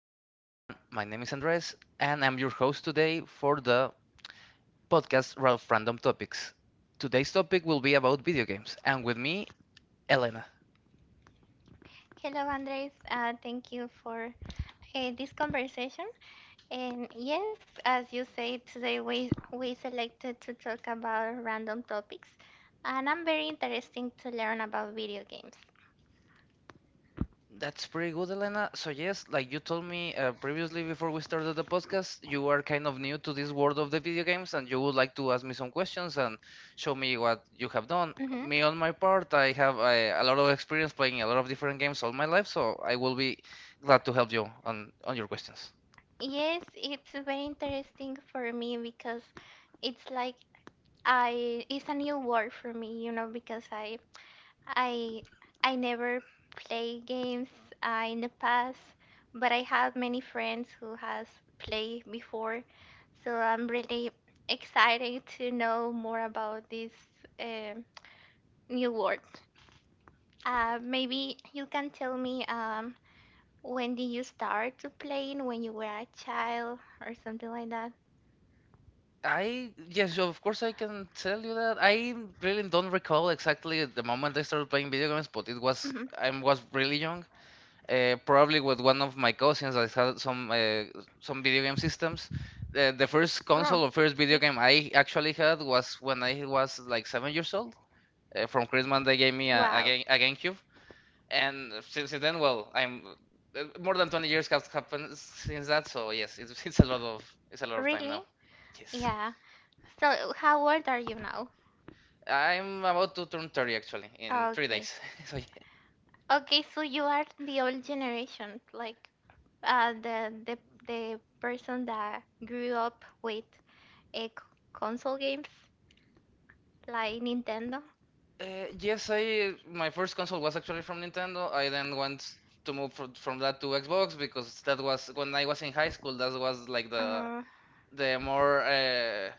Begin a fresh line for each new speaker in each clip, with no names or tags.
Hello, everyone. My name is Andres, and I'm your host today for the podcast Ralph Random Topics. Today's topic will be about video games, and with me, Elena.
Hello, Andres. Thank you for this conversation. And yes, as you say, today we selected to talk about random topics, and I'm very interesting to learn about video games.
That's pretty good, Elena. So, yes, like you told me previously before we started the podcast, you are kind of new to this world of the video games, and you would like to ask me some questions and show me what you have done.
Hmm
Me, on my part, I have a lot of experience playing a lot of different games all my life, so I will be glad to help you on your questions.
Yes, it's very interesting for me because it's like I it's a new world for me, you know, because I I never play games in the past, but I have many friends who has played before, so I'm really excited to know more about this um new world. Maybe you can tell me when did you start to playing? When you were a child or something like that?
I yes, of course I can tell you that. I really don't recall exactly the moment I started playing video games, but it was
Mhm.
I was really young. Probably with one of my cousins, I had some video game systems. The first
Oh,
console or first
okay.
video game I actually had was when I was like 7 years old. From Christmas, they gave me a
Wow,
game, a GameCube, and since then, well, I'm more than 20 years have happened since that. So yes, it's a lot of time
really?
now. Yes.
Yeah. So how old are you now?
I'm about to turn 30 actually in three
Okay.
days. So yeah.
Okay, so you are the old generation, like the the person that grew up with a console games like Nintendo.
Yes, I my first console was actually from Nintendo. I then went to move fr from that to Xbox because that was when I was in high school. That was like
Uh,
the more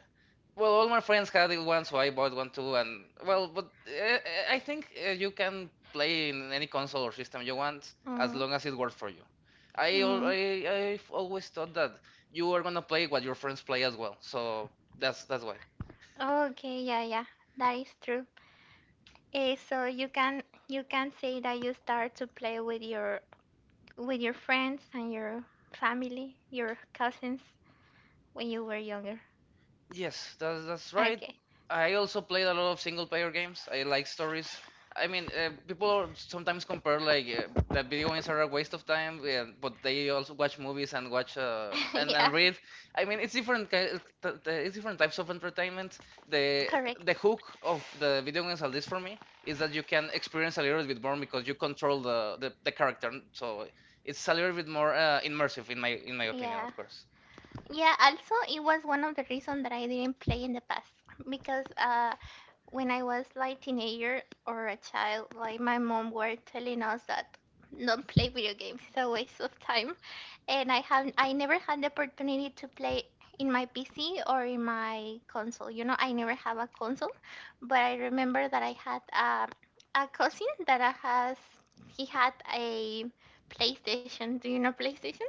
well, all my friends had it one, so I bought one too. And well, but I think you can play in any console or system you want as
uh,
long as it works for you. I al-
mm.
I I've always thought that you are gonna play what your friends play as well, so that's why.
Okay, yeah, yeah, that is true. Eh, so you can say that you start to play with your friends and your family, your cousins when you were younger.
Yes, that's right.
Okay,
I also played a lot of single player games. I like stories. I mean, people are sometimes compare like that video games are a waste of time, yeah, but they also watch movies and watch and
yeah,
read. I mean, it's different. Ki- t- t- It's different types of entertainment. The
correct.
the hook of the video games, at least for me, is that you can experience a little bit more because you control the character. So it's a little bit more immersive, in my opinion,
Yeah.
of course.
Yeah, also it was one of the reasons that I didn't play in the past because when I was like teenager or a child, like my mom were telling us that don't play video games, it's a waste of time. And I never had the opportunity to play in my PC or in my console. You know, I never have a console, but I remember that I had a cousin that I has he had a PlayStation. Do you know PlayStation?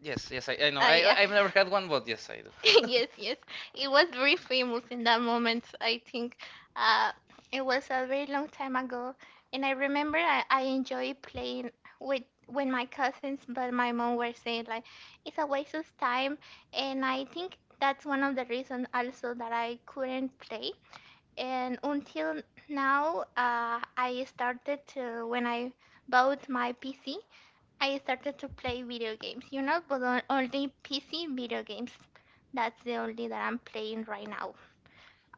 Yes, yes, I know.
Yeah.
I've never had one, but yes, I do.
Yes, yes. It was very famous in that moment, I think. Uh, it was a very long time ago. And I remember I enjoyed playing with my cousins, but my mom was saying like it's a waste of time and I think that's one of the reasons also that I couldn't play. And until now, I started to when I bought my PC. I started to play video games, you know, but only PC video games. That's the only that I'm playing right now.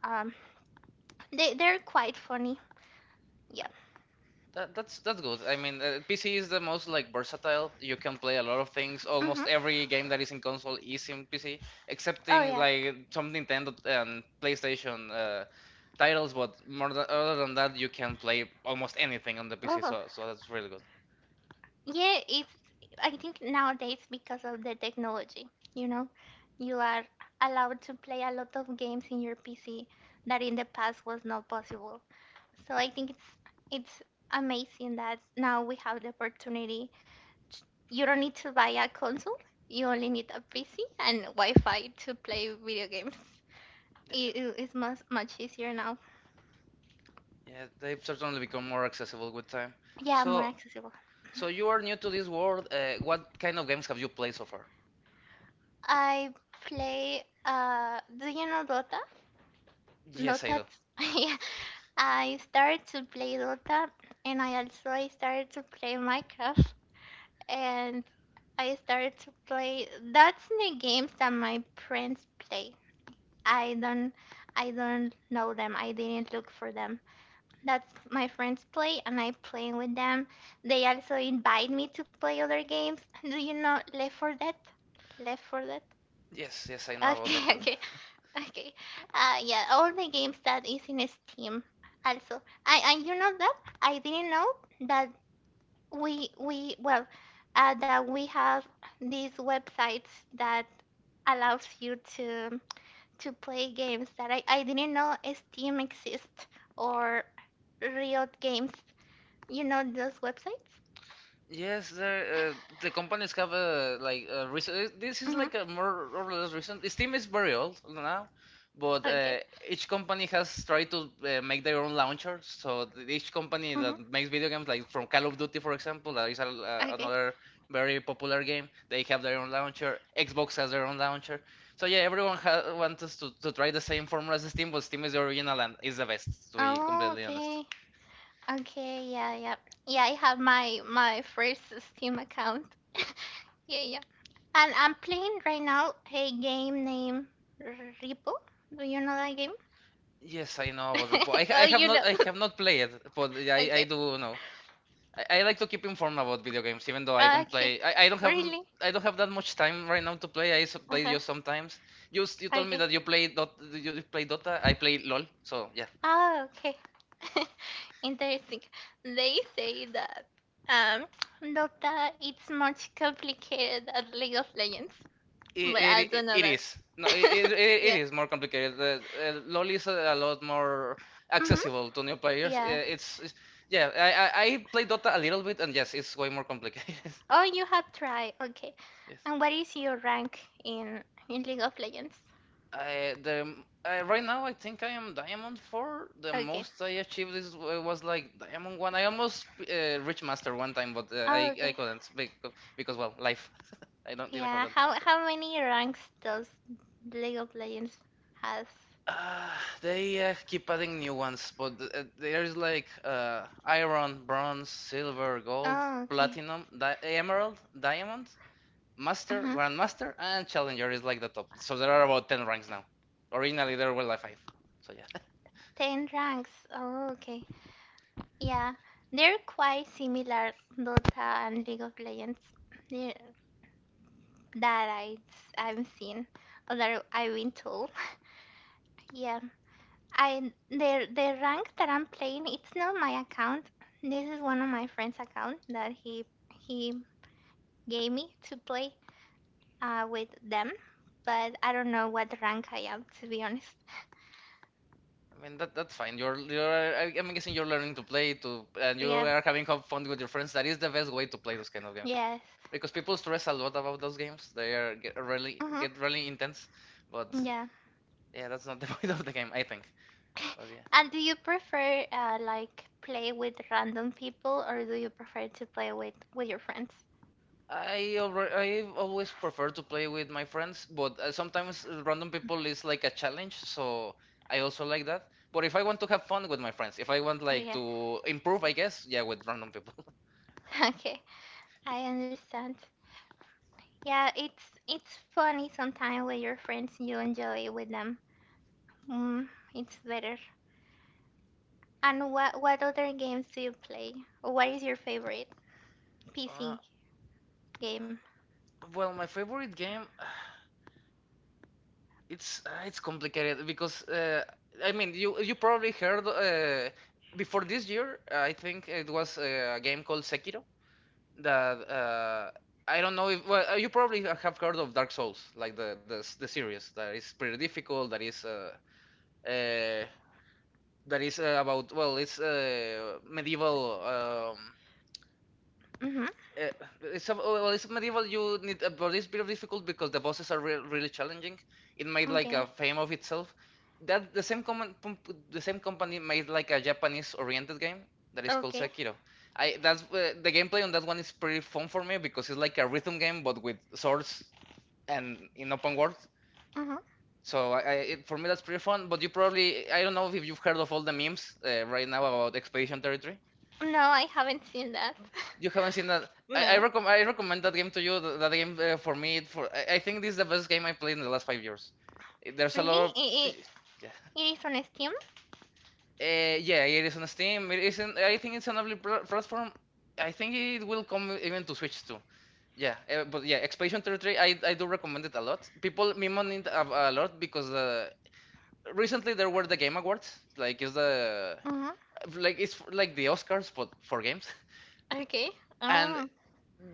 Um, they they're quite funny. Yeah.
That's good. I mean, PC is the most like versatile. You can play a lot of things.
Mhm.
Almost every game that is in console is in PC,
Oh
excepting
yeah.
like some Nintendo and PlayStation titles. But more than, other than that, you can play almost anything on the
Oh
PC. So so that's really good.
yeah. It's I think nowadays because of the technology, you know, you are allowed to play a lot of games in your PC that in the past was not possible. So I think it's amazing that now we have the opportunity. You don't need to buy a console. You only need a PC and Wi-Fi to play video games.
Yeah,
It's much easier now.
yeah, they've certainly become more accessible with time.
Yeah, more
So
accessible.
so you are new to this world. What kind of games have you played so far?
I play. Do you know Dota?
Yes, I
Dota.
do.
Yeah. I started to play Dota, and I started to play Minecraft, and I started to play. That's the games that my friends play. I don't. I don't know them. I didn't look for them. That's my friends play and I play with them. They also invite me to play other games. Do you know Left 4 Dead? Left 4 Dead?
Yes, yes, I know about Left
Okay,
4
okay, okay. Yeah, all the games that is in Steam. Also, I and you know that I didn't know that we well that we have these websites that allows you to play games that I didn't know Steam exists or Riot Games, you know those websites?
Yes, there, the companies have a like a recent. This is
Mm-hmm.
like a more or less recent. Steam is very old now, but
Okay.
each company has tried to make their own launcher. So each company
Mm-hmm.
that makes video games, like from Call of Duty, for example, that is a,
Okay.
another very popular game. They have their own launcher. Xbox has their own launcher. So yeah, everyone ha wants us to try the same formula as Steam, but Steam is the original and is the best, to be
Oh,
completely honest.
okay. Okay. Yeah. Yeah. Yeah. I have my first Steam account. Yeah. Yeah. And I'm playing right now a game named Repo. Do you know that game?
Yes, I know about Repo.
Oh, you know.
I have not played it, but yeah, I
Okay.
do know. I like to keep informed about video games, even though I don't
Okay.
play.
Really?
I don't have that much time right now to play. Play
Uh-huh.
just sometimes. You told me
Okay.
that you play Dota. I play LOL. So yeah,
Oh, okay. Interesting. They say that um Dota it's much complicated as League of Legends, but
it
I
it,
don't know
it
that.
is no it
Yeah.
is more complicated. LOL is a lot more
Mhm.
accessible to new players.
Yeah.
It's yeah. I play Dota a little bit, and yes, it's way more complicated.
Oh, you have tried. Okay.
Yes.
And what is your rank in League of Legends?
I the right now I think I am diamond four. The
Okay.
most I achieved was like diamond one. I almost reached master one time, but
Oh,
I
okay.
couldn't because well life. I don't didn't have
Yeah.
that much time.
How many ranks does League of Legends has?
Uh, they keep adding new ones, but there is like iron, bronze, silver, gold,
Oh, okay.
platinum, di emerald, diamond, master,
Mhm.
grandmaster, and challenger is like the top. So there are about 10 ranks now. Originally there were like five. So yeah.
Ten ranks. Oh, okay. Yeah, they're quite similar Dota and League of Legends they- that I've seen or I've been told. Yeah, I the rank that I'm playing it's not my account. This is one of my friend's account that he gave me to play with them, but I don't know what rank I am to be honest.
I mean that that's fine. I'm guessing you're learning to play to and you
Yeah,
are having have fun with your friends. That is the best way to play those kind of games
yes,
because people stress a lot about those games. They are
uh-huh.
get really intense, but yeah, that's not the point of the game, I think. But yeah,
And do you prefer like play with random people or do you prefer to play with your friends?
I always prefer to play with my friends, but sometimes random people is like a challenge, so I also like that. But if I want to have fun with my friends, if I want
Oh,
like
yeah.
to improve, I guess, yeah, with random people.
Okay. I understand. Yeah, it's funny sometimes with your friends you enjoy it with them. Mm, it's better. And what other games do you play? What is your favorite
Uh,
PC game?
well, my favorite game, it's complicated because I mean you probably heard before this year I think it was a game called Sekiro that I don't know if well you probably have heard of Dark Souls like the series that is pretty difficult uh, that is about well it's medieval
Mhm.
Uh, well, it's medieval. You need, but it's a bit of difficult because the bosses are re really challenging. It made like a
Okay.
fame of itself. That the same company made like a Japanese-oriented game that is called
Okay.
Sekiro. I that's the gameplay on that one is pretty fun for me because it's like a rhythm game but with swords and in open world.
Mhm.
So for me that's pretty fun. But you probably I don't know if you've heard of all the memes right now about Expedition 33.
No, I haven't seen that.
You haven't seen that.
No.
I recommend that game to you. That game for me, I think this is the best game I played in the last 5 years. Eh, There's a
Really?
lot of yeah,
It is on Steam?
yeah. It is on Steam. It isn't. I think it's an lovely pl platform. I think it will come even to Switch too. Yeah, but yeah, Expedition 33, I do recommend it a lot. People meme on it a lot because recently there were the Game Awards, like
Mhm.
it's like the Oscars but for games.
Okay.
And
Oh.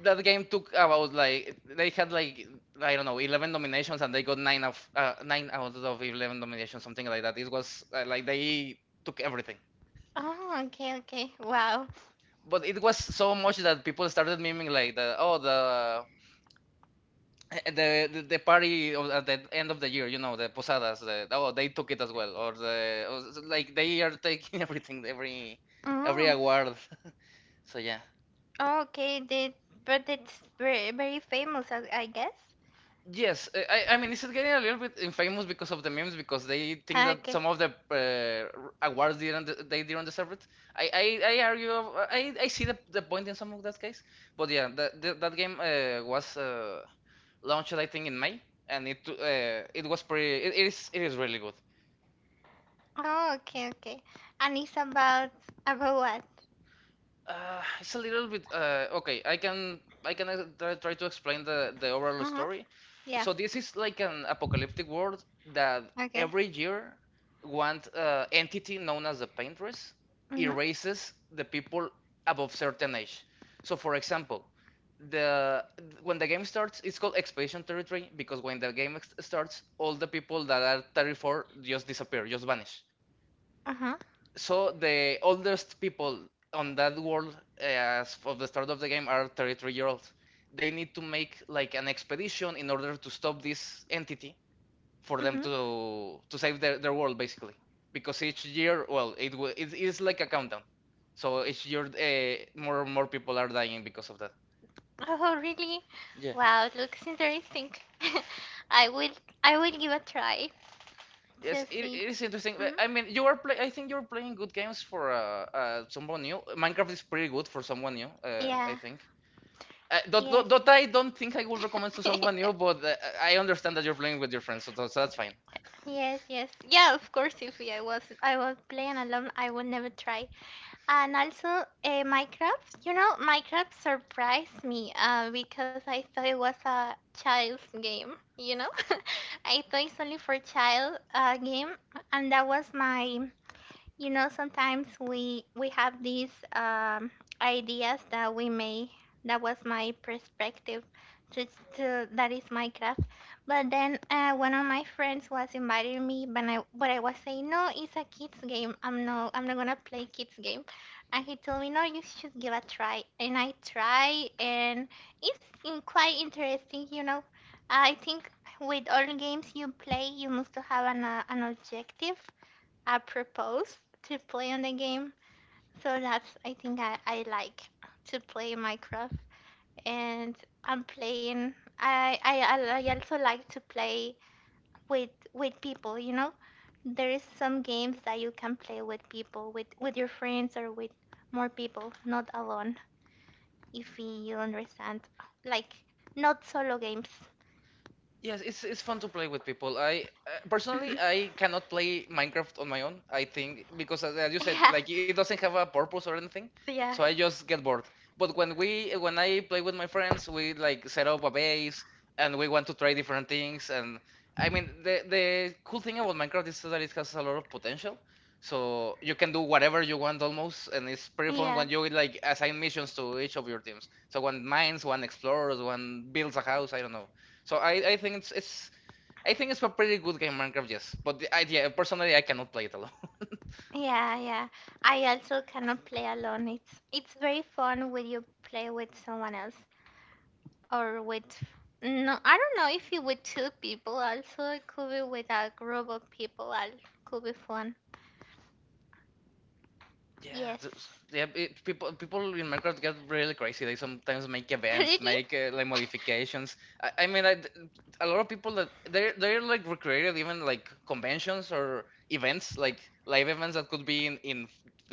that game took about like they had like I don't know 11 nominations and they got nine of nine out of 11 nominations, something like that. It was like they took everything,
Oh, okay, okay. Wow.
but it was so much that people started memeing like the oh the. The party at the end of the year, you know, the posadas. The, oh, they took it as well, or the or, like they are taking everything, every
Mm.
award. So yeah.
Oh, okay, they, but it's very, very famous, I guess.
Yes, I mean, it's getting a little bit infamous because of the memes because they think that
Okay.
some of the awards didn't they didn't deserve it? I argue I see the point in some of that case, but yeah, that game was launched I think in May and it is really good.
Oh, okay, okay. And it's about what?
It's a little bit okay. I can try, try to explain the overall
Uh-huh.
story.
Yeah.
So this is like an apocalyptic world that
Okay.
every year one entity known as the Paintress
Mm-hmm.
erases the people above certain age. So for example, the when the game starts, it's called Expedition Territory because when the starts, all the people that are 34 just disappear, just vanish.
Uh-huh.
So the oldest people on that world as of the start of the game are 33-year-olds. They need to make like an expedition in order to stop this entity for
Mm-hmm.
them to save their world basically. Because each year, well, it is like a countdown. So each year, more and more people are dying because of that.
Oh, really?
Yeah.
Wow, looks interesting. I will I will give a try
Yes,
to
it,
see.
it is interesting. But,
Mm-hmm.
I mean, you are play. I think you're playing good games for someone new. Minecraft is pretty good for someone new. I
Yeah.
think.
Yes.
Dota, I don't think I would recommend to someone new, but I understand that you're playing with your friends, so that's fine.
Yes, yes. Yeah, of course if I was playing alone, I would never try. And also, Minecraft. You know, Minecraft surprised me because I thought it was a child's game. You know, I thought it's only for child game, and that was my you know, sometimes we have these ideas that we may. That was my perspective. Just to, that is my craft. But then one of my friends was inviting me, but I was saying no, it's a kids game. I'm no, I'm not gonna play kids game. And he told me no, you should give a try. And I try, and it's quite interesting, you know. I think with all games you play, you must to have an objective I propose to play on the game. So that's I think I like to play Minecraft and I'm playing I also like to play with people, you know? There is some games that you can play with people, with your friends or with more people, not alone, if you understand. Like not solo games.
Yes, it's fun to play with people. I Personally, I cannot play Minecraft on my own. I think because as you said,
yeah,
like it doesn't have a purpose or anything, so
yeah,
I just get bored. But when I play with my friends, we like set up a base and we want to try different things. And I mean, the cool thing about Minecraft is that it has a lot of potential. So you can do whatever you want almost, and it's pretty fun
yeah.
when you like assign missions to each of your teams. So one mines, one explores, one builds a house. I don't know. So I think it's I think it's a pretty good game Minecraft, yes. But the idea personally I cannot play it alone.
Yeah. I also cannot play alone. It's very fun when you play with someone else or with no, I don't know if you with two people also it could be with a group of people. It could be fun.
Yeah,
Yes.
yeah. It, people people in Minecraft get really crazy. They sometimes make events,
Really?
make like modifications. I mean, I, d a lot of people that they're like recreated even like conventions or events, like live events that could be in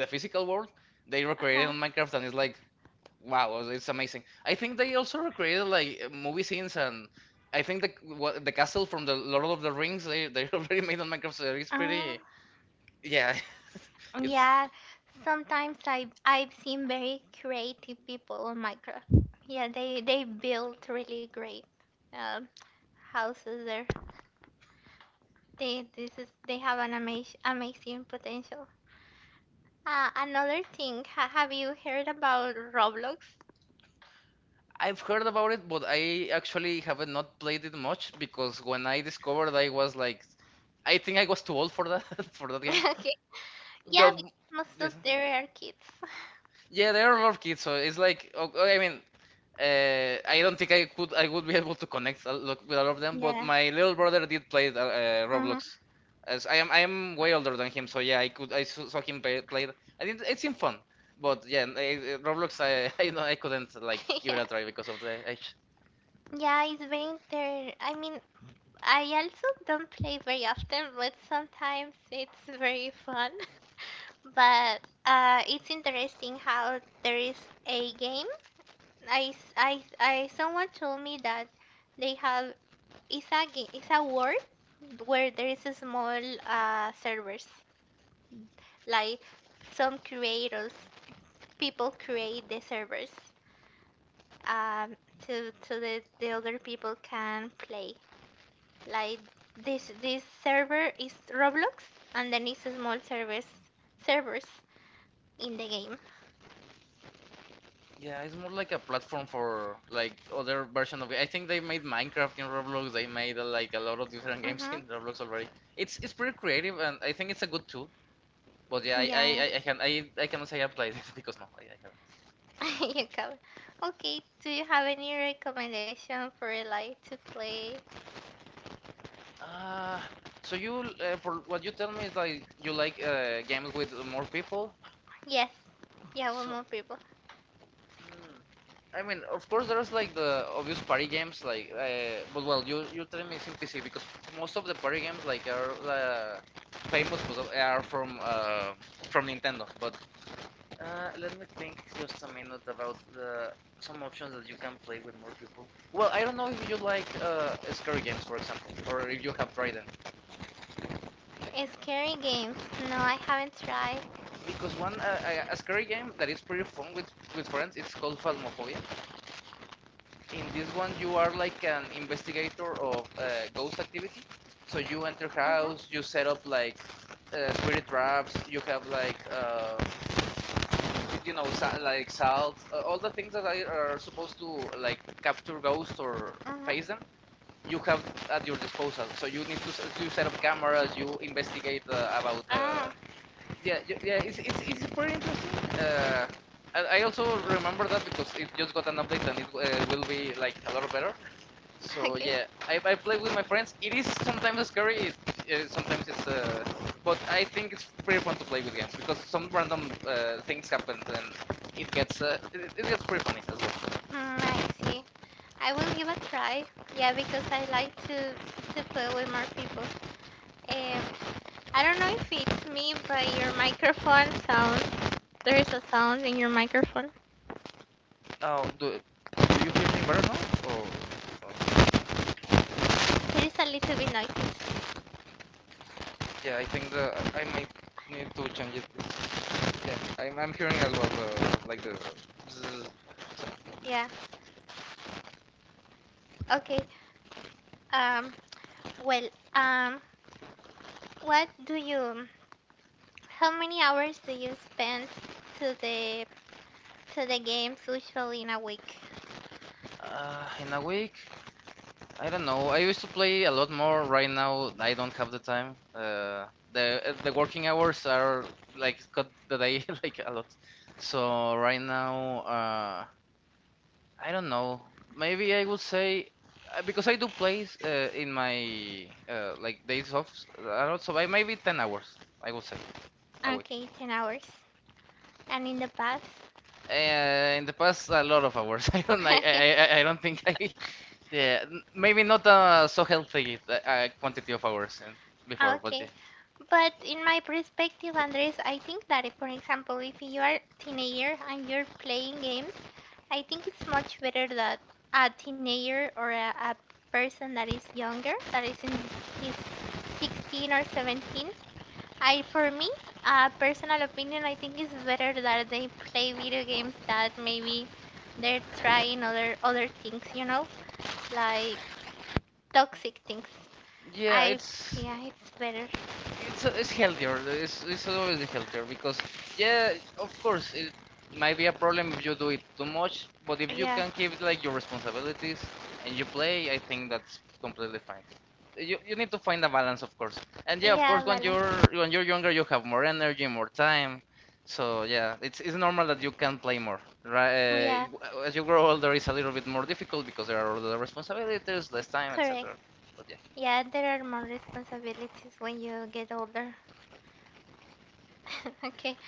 the physical world. They recreated
Uh-huh.
on Minecraft, and it's like, "Wow, it's amazing." I think they also recreated like movie scenes, and I think the castle from the Lord of the Rings they already made on Minecraft, so it's
Uh,
pretty. Yeah, it's.
yeah. Sometimes I've seen very creative people on Minecraft. Yeah, they build really great um houses there. They this is they have an amazing potential. Another thing, have you heard about Roblox?
I've heard about it, but I actually haven't not played it much because when I discovered, I was like, I think I was too old for that for that game.
Okay. Yeah,
But
because most of
yes.
there are kids.
Yeah, there are more kids, so it's like I mean, I don't think I would be able to connect a lot with all of them, but
Yeah.
my little brother did play
hmm
Roblox. As I am way older than him, so yeah, I saw him play it. I think it seemed fun, but yeah, Roblox I I know I couldn't like give it
Yeah.
a try because of the age.
Yeah, it's very inter. I mean, I also don't play very often, but sometimes it's very fun. But it's interesting how there is a game. I, someone told me that they have it's a game, it's a world where there is a small servers. Like some creators people create the servers um to so that the other people can play like this server is Roblox and then it's a small service servers in the game.
Yeah, it's more like a platform for like other version of. I think they made Minecraft in Roblox. They made like a lot of different games
Mm-hmm.
in Roblox already. It's pretty creative, and I think it's a good tool. But yeah, I I,
Yeah.
I- I can I, I cannot say I played it because no, I haven't.
You come, okay. Do you have any recommendation for like to play?
Uh, so you for what you tell me is like you like games with more people.
Yes. Yeah, one
So
more people
mm, I mean, of course, there's like the obvious party games but well, you tell me it's in PC because most of the party games like are famous are from Nintendo, but let me think just a minute about the some options that you can play with more people. Well, I don't know if you like scary games, for example, or if you have tried them.
scary games. No, I haven't tried.
Because one a scary game that is pretty fun with friends, it's called Phasmophobia. In this one, you are like an investigator of ghost activity. So you enter
Mm-hmm.
house, you set up like spirit traps, you have like like salts, all the things that I are supposed to like capture ghosts or
Mm-hmm.
face them you have at your disposal. So you need to set up cameras, you investigate about the.
ah
Yeah, yeah, it's pretty interesting. I also remember that because it just got an update and it will be like a lot better. So
Okay.
yeah, I play with my friends. It is sometimes scary, it, sometimes it's. But I think it's pretty fun to play with games because some random things happen and it gets it, it gets pretty funny as well.
Mm, I see. I will give a try. Yeah, because I like to play with more people. Um, I don't know if it's me, but your microphone sounds. There is a sound in your microphone.
Now, do you hear me better now? Or?
It is a little bit noisy.
Yeah, I think the I might need to change it. Yeah, I'm hearing as well the like the bzzz sound.
Yeah. Okay. Um. Well. Um. What do you? How many hours do you spend to the games usually in a week?
In a week, I don't know. I used to play a lot more. Right now, I don't have the time. The working hours are like cut the day like a lot. So right now, I don't know. Maybe I would say because I do play in my like days off a lot. So I maybe 10 hours. I would say a week.
Okay, 10 hours. And in the past.
In the past, a lot of hours. I don't. I.
Okay.
I don't think I. Yeah, maybe not a so healthy quantity of hours and before, but
Okay.
yeah,
But in my perspective, Andres, I think that if, for example, if you are teenager and you're playing games, I think it's much better that a teenager or a person that is younger, that is in his 16 or 17, I for me, a personal opinion, I think it's better that they play video games that maybe they're trying other things, you know, like toxic things.
yeah,
I Yeah, it's better.
it's healthier. It's always healthier because, yeah, of course, it might be a problem if you do it too much, but if you
Yeah,
can keep like your responsibilities and you play, I think that's completely fine. You need to find a balance, of course. And yeah, of
yeah,
course,
balance.
when you're younger, you have more energy, more time. So yeah, it's normal that you can play more.
Oh,
Right?
yeah,
As you grow older, it's a little bit more difficult because there are other responsibilities, less time,
correct.
etc. But yeah.
Yeah, there are more responsibilities when you get older. Okay.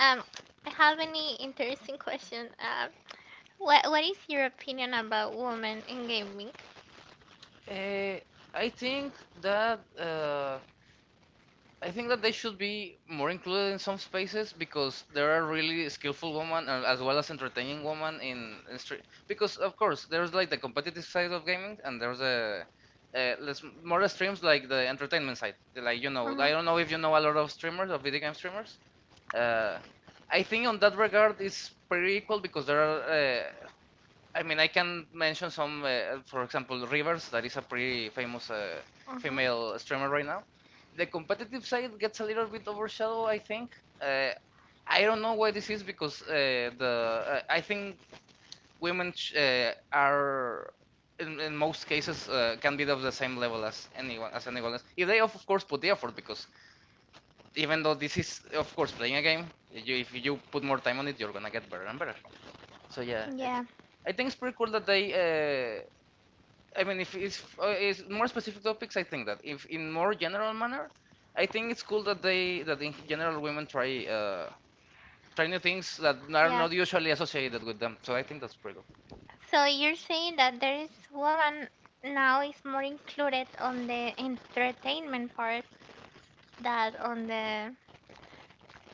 Um, I have any interesting question. What is your opinion about women in gaming?
Uh, I think that they should be more included in some spaces because there are really skillful women and as well as entertaining women in street. Because of course there's like the competitive side of gaming and there's more streams like the entertainment side. Like, I
Mhm.
don't know if you know a lot of streamers, of video game streamers. Uh, I think on that regard it's pretty equal because there are I can mention some, for example, Rivers, that is a pretty famous
Mhm.
female streamer right now. The competitive side gets a little bit overshadowed, I think. Uh, I don't know why this is because the I think women are in most cases can be of the same level as anyone else if they of course put the effort because even though this is of course playing a game if you put more time on it you're gonna get better and better so yeah,
Yeah.
I think it's pretty cool that they. I mean, if it's more specific topics, I think that if in more general manner, I think it's cool that they that in general women try new things that are
Yeah.
not usually associated with them. So I think that's pretty cool.
So you're saying that there is woman now is more included on the entertainment part that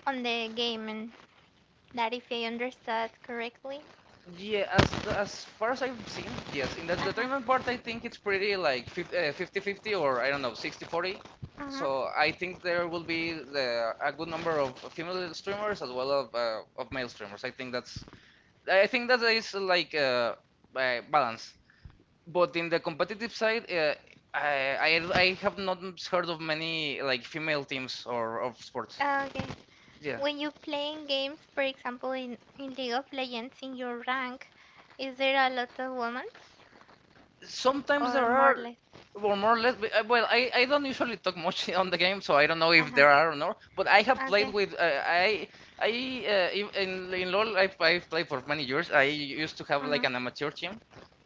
on the gaming. That if I understood correctly.
Yeah, as far as I've seen, yes, in the
Uh huh.
entertainment part, I think it's pretty like 50 50 or I don't know 60/40.
Mhm.
So I think there will be a good number of female streamers as well as of male streamers. I think that's I think that is like balance. But in the competitive side, I have not heard of many like female teams or of sports.
Okay.
Yeah.
When you playing games, for example, in League of Legends, in your rank, is there a lot of women
Sometimes
or
there
more or
are,
less?
or more or less. Well, I don't usually talk much on the game, so I don't know if
Uh-huh.
there are or not. But I have played
Okay.
with I I in LoL I've played for many years. I used to have like
hmm
an amateur team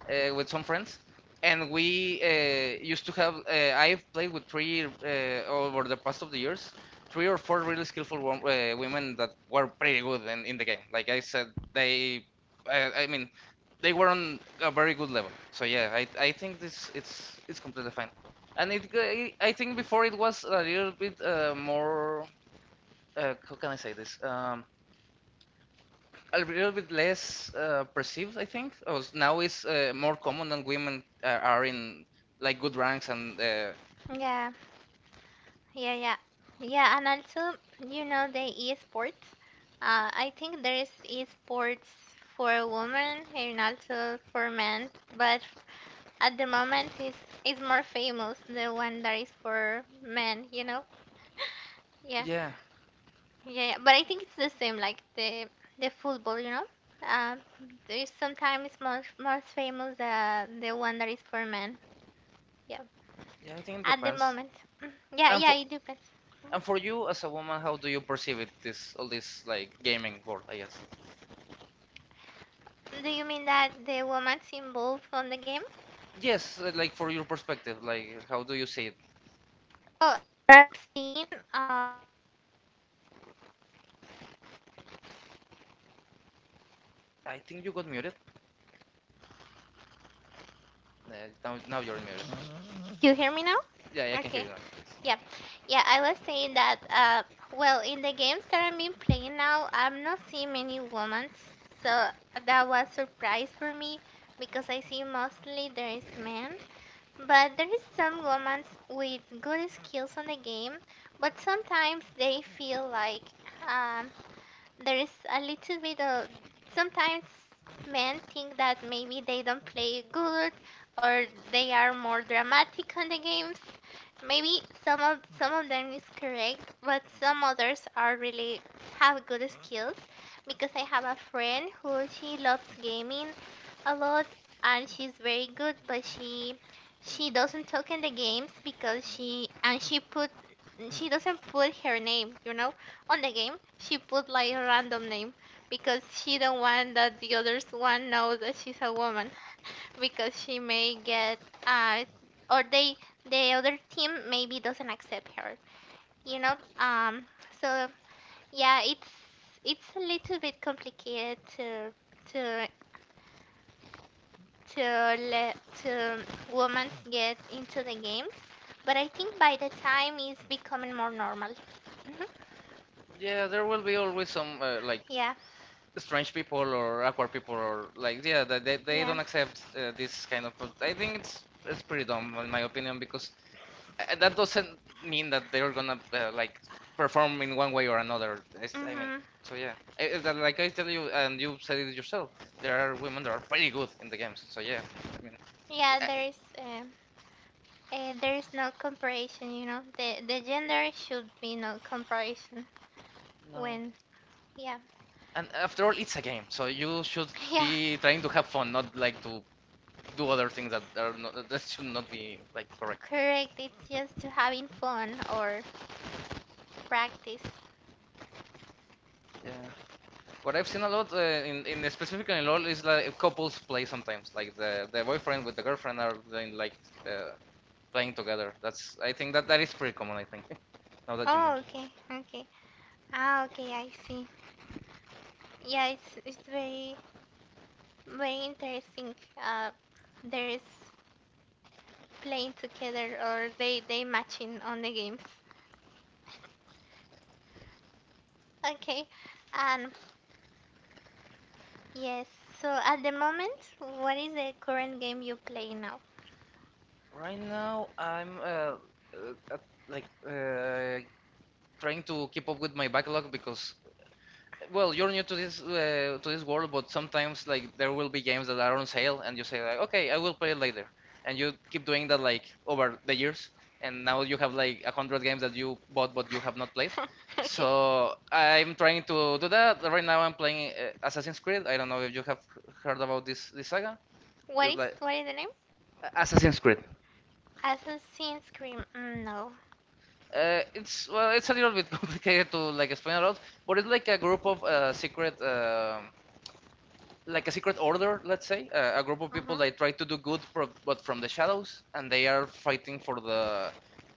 with some friends, and we used to have. I've played with three over the past of the years, three or four really skillful women that were pretty good in the game. Like I said, they. I mean, they were on a very good level. So yeah, I think this it's completely fine. And I think before it was a little bit more how can I say this a little bit less perceived I think. Or now it's more common that women are in like good ranks and
Yeah. Yeah. Yeah. Yeah. And also, you know, the esports. I think there is esports for women and also for men, but at the moment, is more famous the one that is for men. You know? Yeah.
yeah
Yeah, yeah, but I think it's the same, like the football, you know. Um, there's sometimes more famous the one that is for men. Yeah,
yeah I think it
at the
depends.
moment. Mm, yeah,
And
yeah,
for
it depends. Mhm.
and for you as a woman, how do you perceive it this all this like gaming world I guess.
Do you mean that the woman's involved on the game?
Yes, like for your perspective, like how do you see it?
Oh, I've seen.
I think you got muted. Yeah, now you're muted.
You hear me now?
Yeah, I can hear
Okay.
you now.
Yeah, yeah, I was saying that, well, in the games that I'm been playing now, I'm not seeing many women, so that was surprise for me because I see mostly there is men, but there is some women with good skills on the game, but sometimes they feel like, um, there is a little bit of sometimes men think that maybe they don't play good or they are more dramatic on the games. Maybe some of them is correct, but some others are really have good skills because I have a friend who she loves gaming a lot and she's very good but she doesn't talk in the games because she doesn't put her name, you know, on the game. She put like a random name because she don't want that the others one knows that she's a woman because she may get uh or they the other team maybe doesn't accept her, you know. So yeah, it's a little bit complicated to to let to women get into the games, but I think by the time it's becoming more normal. Hmm.
Yeah, there will be always some like
Yeah,
strange people or awkward people or like yeah, that they
yeah.
don't accept this kind of. I think it's pretty dumb in my opinion because that doesn't mean that they're gonna like perform in one way or another. It's, I mean,
Hmm.
so yeah, I- that- like I tell you and you said it yourself, there are women that are pretty good in the games. So yeah, I mean,
Yeah,
I,
there is. There is no comparison, you know. The gender should be no comparison
no.
when yeah.
And after all, it's a game, so you should
Yeah,
be trying to have fun, not like to do other things that are not, that should not be like correct.
correct. It's just to having fun or practice.
Yeah. What I've seen a lot in specifically in LOL is like couples play sometimes, like the boyfriend with the girlfriend are doing like uh, playing together. That's I think that is pretty common. I think now that you
Oh,
mention it.
okay. Okay. Ah, okay, I see. Yeah, it's very interesting. Uh there is playing together or they matching on the games. Okay. Um, yes. So at the moment, what is the current game you play now?
Right now I'm at- like uh, trying to keep up with my backlog because well, you're new to this world, but sometimes like there will be games that are on sale, and you say like, okay, I will play it later, and you keep doing that like over the years, and now you have like 100 games that you bought but you have not played. So
Okay.
I'm trying to do that. Right now I'm playing Assassin's Creed. I don't know if you have heard about this saga.
What
It's
is
like
what is the name?
Assassin's Creed.
Assassin's Cream. Mm, no.
It's well, it's a little bit complicated to like explain a lot, but it's like a group of secret. Like a secret order, let's say, a group of people
Uh-huh.
that try to do good, but from the shadows, and they are fighting for the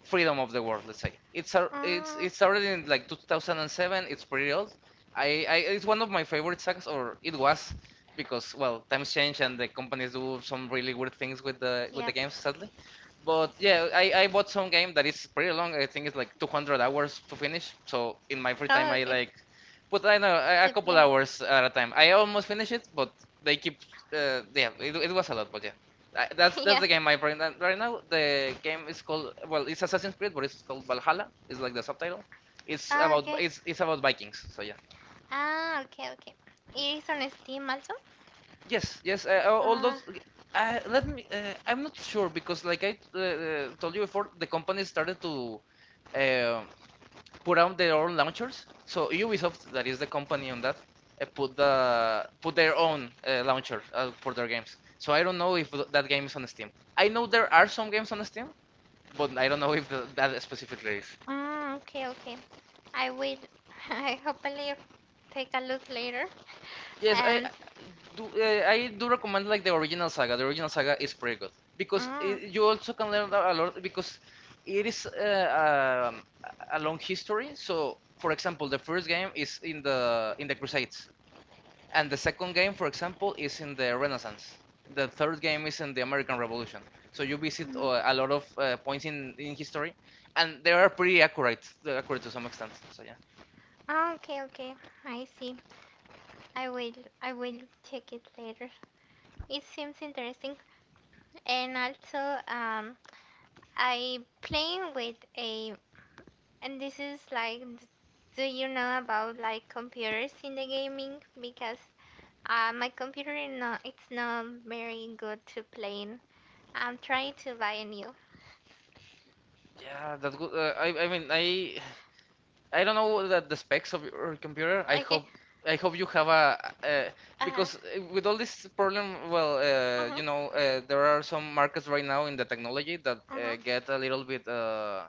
freedom of the world. Let's say it's a, it's
Uh,
it started in like 2007. It's pretty old. I It's one of my favorite sagas, or it was, because well, times change and the companies do some really weird things
yeah.
with the games, sadly. But yeah, I bought some game that is pretty long. I think it's like 200 hours to finish. So in
Oh,
my free
okay.
time, I like but I
To
know a
play.
a couple hours at a time. I almost finished it, but they keep. Yeah, it was a lot, but yeah,
Yeah.
that's the game I'm playing right now. The game is called well, it's Assassin's Creed, but it's called Valhalla. It's like the subtitle. It's
Oh,
about
okay.
it's about Vikings. So yeah.
Ah, okay, okay. It is on Steam also.
Yes, yes. All
Uh,
those. Let me. I'm not sure because, like I told you before, the company started to uh, put out their own launchers. So Ubisoft, that is the company on that, put their own launcher for their games. So I don't know if that game is on Steam. I know there are some games on Steam, but I don't know if th that specifically is.
okay, okay. I will. I hopefully take a look later.
Yes,
And
I do. I do recommend like the original saga. The original saga is pretty good because
mm,
it, you also can learn a lot because it is a long history. So, for example, the first game is in the Crusades. And the second game, for example, is in the Renaissance. The third game is in the American Revolution. So you visit
mm.
a lot of points in history, and they are pretty accurate, accurate to some extent. So yeah,
Ah, okay, okay. I see. I will. I will check it later. It seems interesting. And also, um, I playing with a and this is like, do you know about like computers in the gaming? Because my computer is not, it's not very good to playing. I'm trying to buy a new.
yeah, that good. I mean, I don't know the specs of your computer.
Okay.
I hope you have a
Uh huh.
because with all this problem, well,
Uh
you
huh.
know, there are some markets right now in the technology that
Uh
get a little bit uh,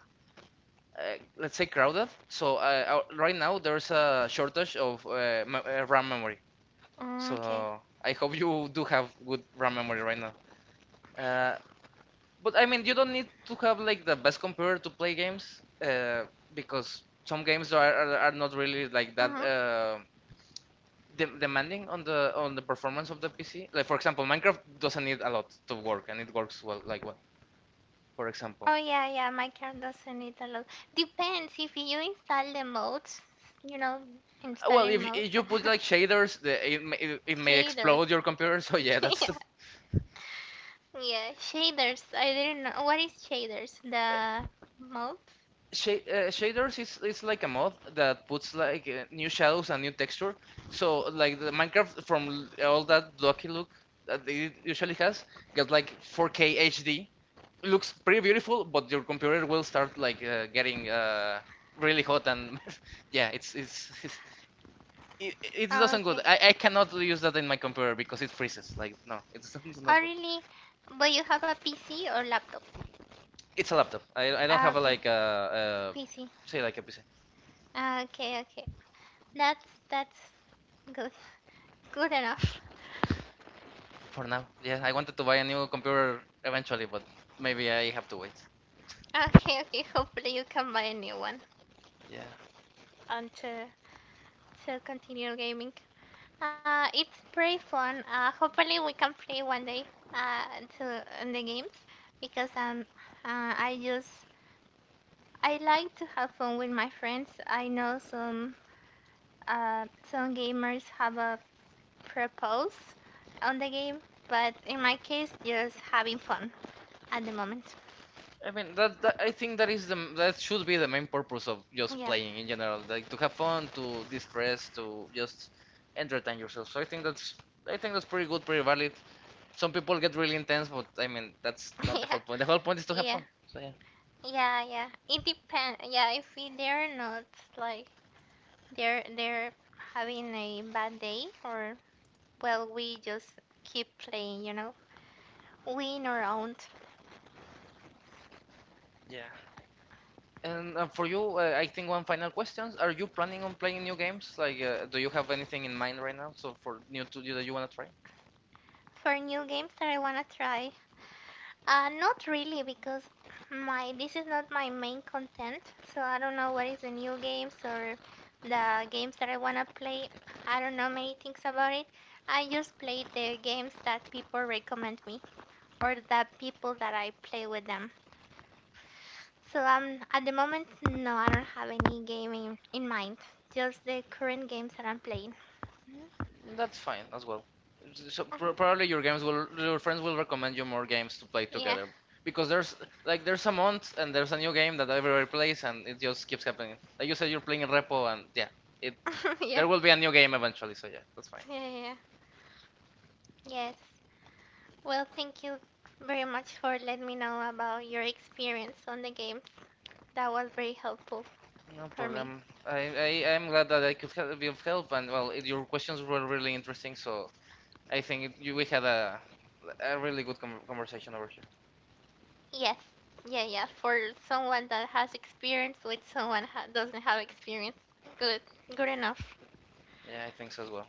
uh, let's say crowded. So right now there's a shortage of RAM memory.
huh. Okay.
So I hope you do have good RAM memory right now. Uh, but I mean, you don't need to have like the best computer to play games because some games are not really like
Uh
that
huh.
de demanding on the performance of the PC. Like for example, Minecraft doesn't need a lot to work and it works well, like well, for example.
Oh yeah, yeah. My card doesn't need a lot. Depends if you install the modes. You know,
Well,
installing modes,
if you put like shaders, the, it, may, it may
shaders.
explode your
Okay.
computer. So yeah,
Yeah.
that's
Yeah. Shaders. I didn't know. What is shaders? The mode.
Shaders is like a mod that puts like new shadows and new texture. So like the Minecraft from all that blocky look that it usually has got like 4K HD. Looks pretty beautiful, but your computer will start like getting really hot and yeah, it doesn't good.
Okay.
I cannot use that in my computer because it freezes. Like no, it's
Oh,
not good.
really? But you have a PC or laptop?
It's a laptop. I don't
Ah,
have a,
okay,
like
PC.
a say like a PC
Ah, okay, okay. That's good. Good enough.
for now. Yeah, I wanted to buy a new computer eventually, but maybe I have to wait.
Okay, okay. Hopefully you can buy a new one
Yeah.
and to continue gaming. It's pretty fun. Hopefully we can play one day. To In the games because I just I like to have fun with my friends. I know uh some gamers have a purpose on the game, but in my case, just having fun at the moment.
I mean that, that I think that is the that should be the main purpose of just
Yeah,
playing in general, like to have fun, to distress, to just entertain yourself. So I think that's pretty good, pretty valid. Some people get really intense, but I mean that's not the
yeah,
whole point. The whole point is to have
yeah,
fun. So yeah.
yeah, yeah. It depends. Yeah, if they're not like they're having a bad day, or well, we just keep playing. You know, win or owned.
Yeah. And for you, I think one final question: Are you planning on playing new games? Like, do you have anything in mind right now? So for new to you that you want to try?
For new games that I wanna try, not really because my this is not my main content, so I don't know what is the new games or the games that I wanna play. I don't know many things about it. I just play the games that people recommend me or the people that I play with them. So at the moment, no, I don't have any game in mind. Just the current games that I'm playing. Mhm.
That's fine as well. So pr
Uh-huh.
probably your games will, your friends will recommend you more games to play
Yeah.
together because there's like there's a month and there's a new game that everybody plays and it just keeps happening. Like you said, you're playing Repo and yeah, it
Yeah. Yeah.
there will be a new game eventually. So yeah, that's fine.
Yeah. Yeah. Yes. Well, thank you very much for letting me know about your experience on the games. That was very helpful
No
for
problem.
me.
I, I'm glad that I could be of help and well, it, your questions were really interesting. So I think we had a really good conversation over here.
Yes, yeah, yeah. For someone that has experience with someone doesn't have experience, good, good enough.
Yeah, I think so as well.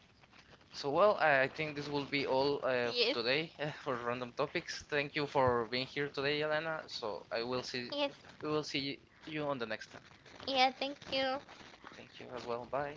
So, well, I think this will be all
Yes,
today for random topics. Thank you for being here today, Elena. So
yes,
we will see you on the next time.
yeah. Thank you.
Thank you as well. Bye.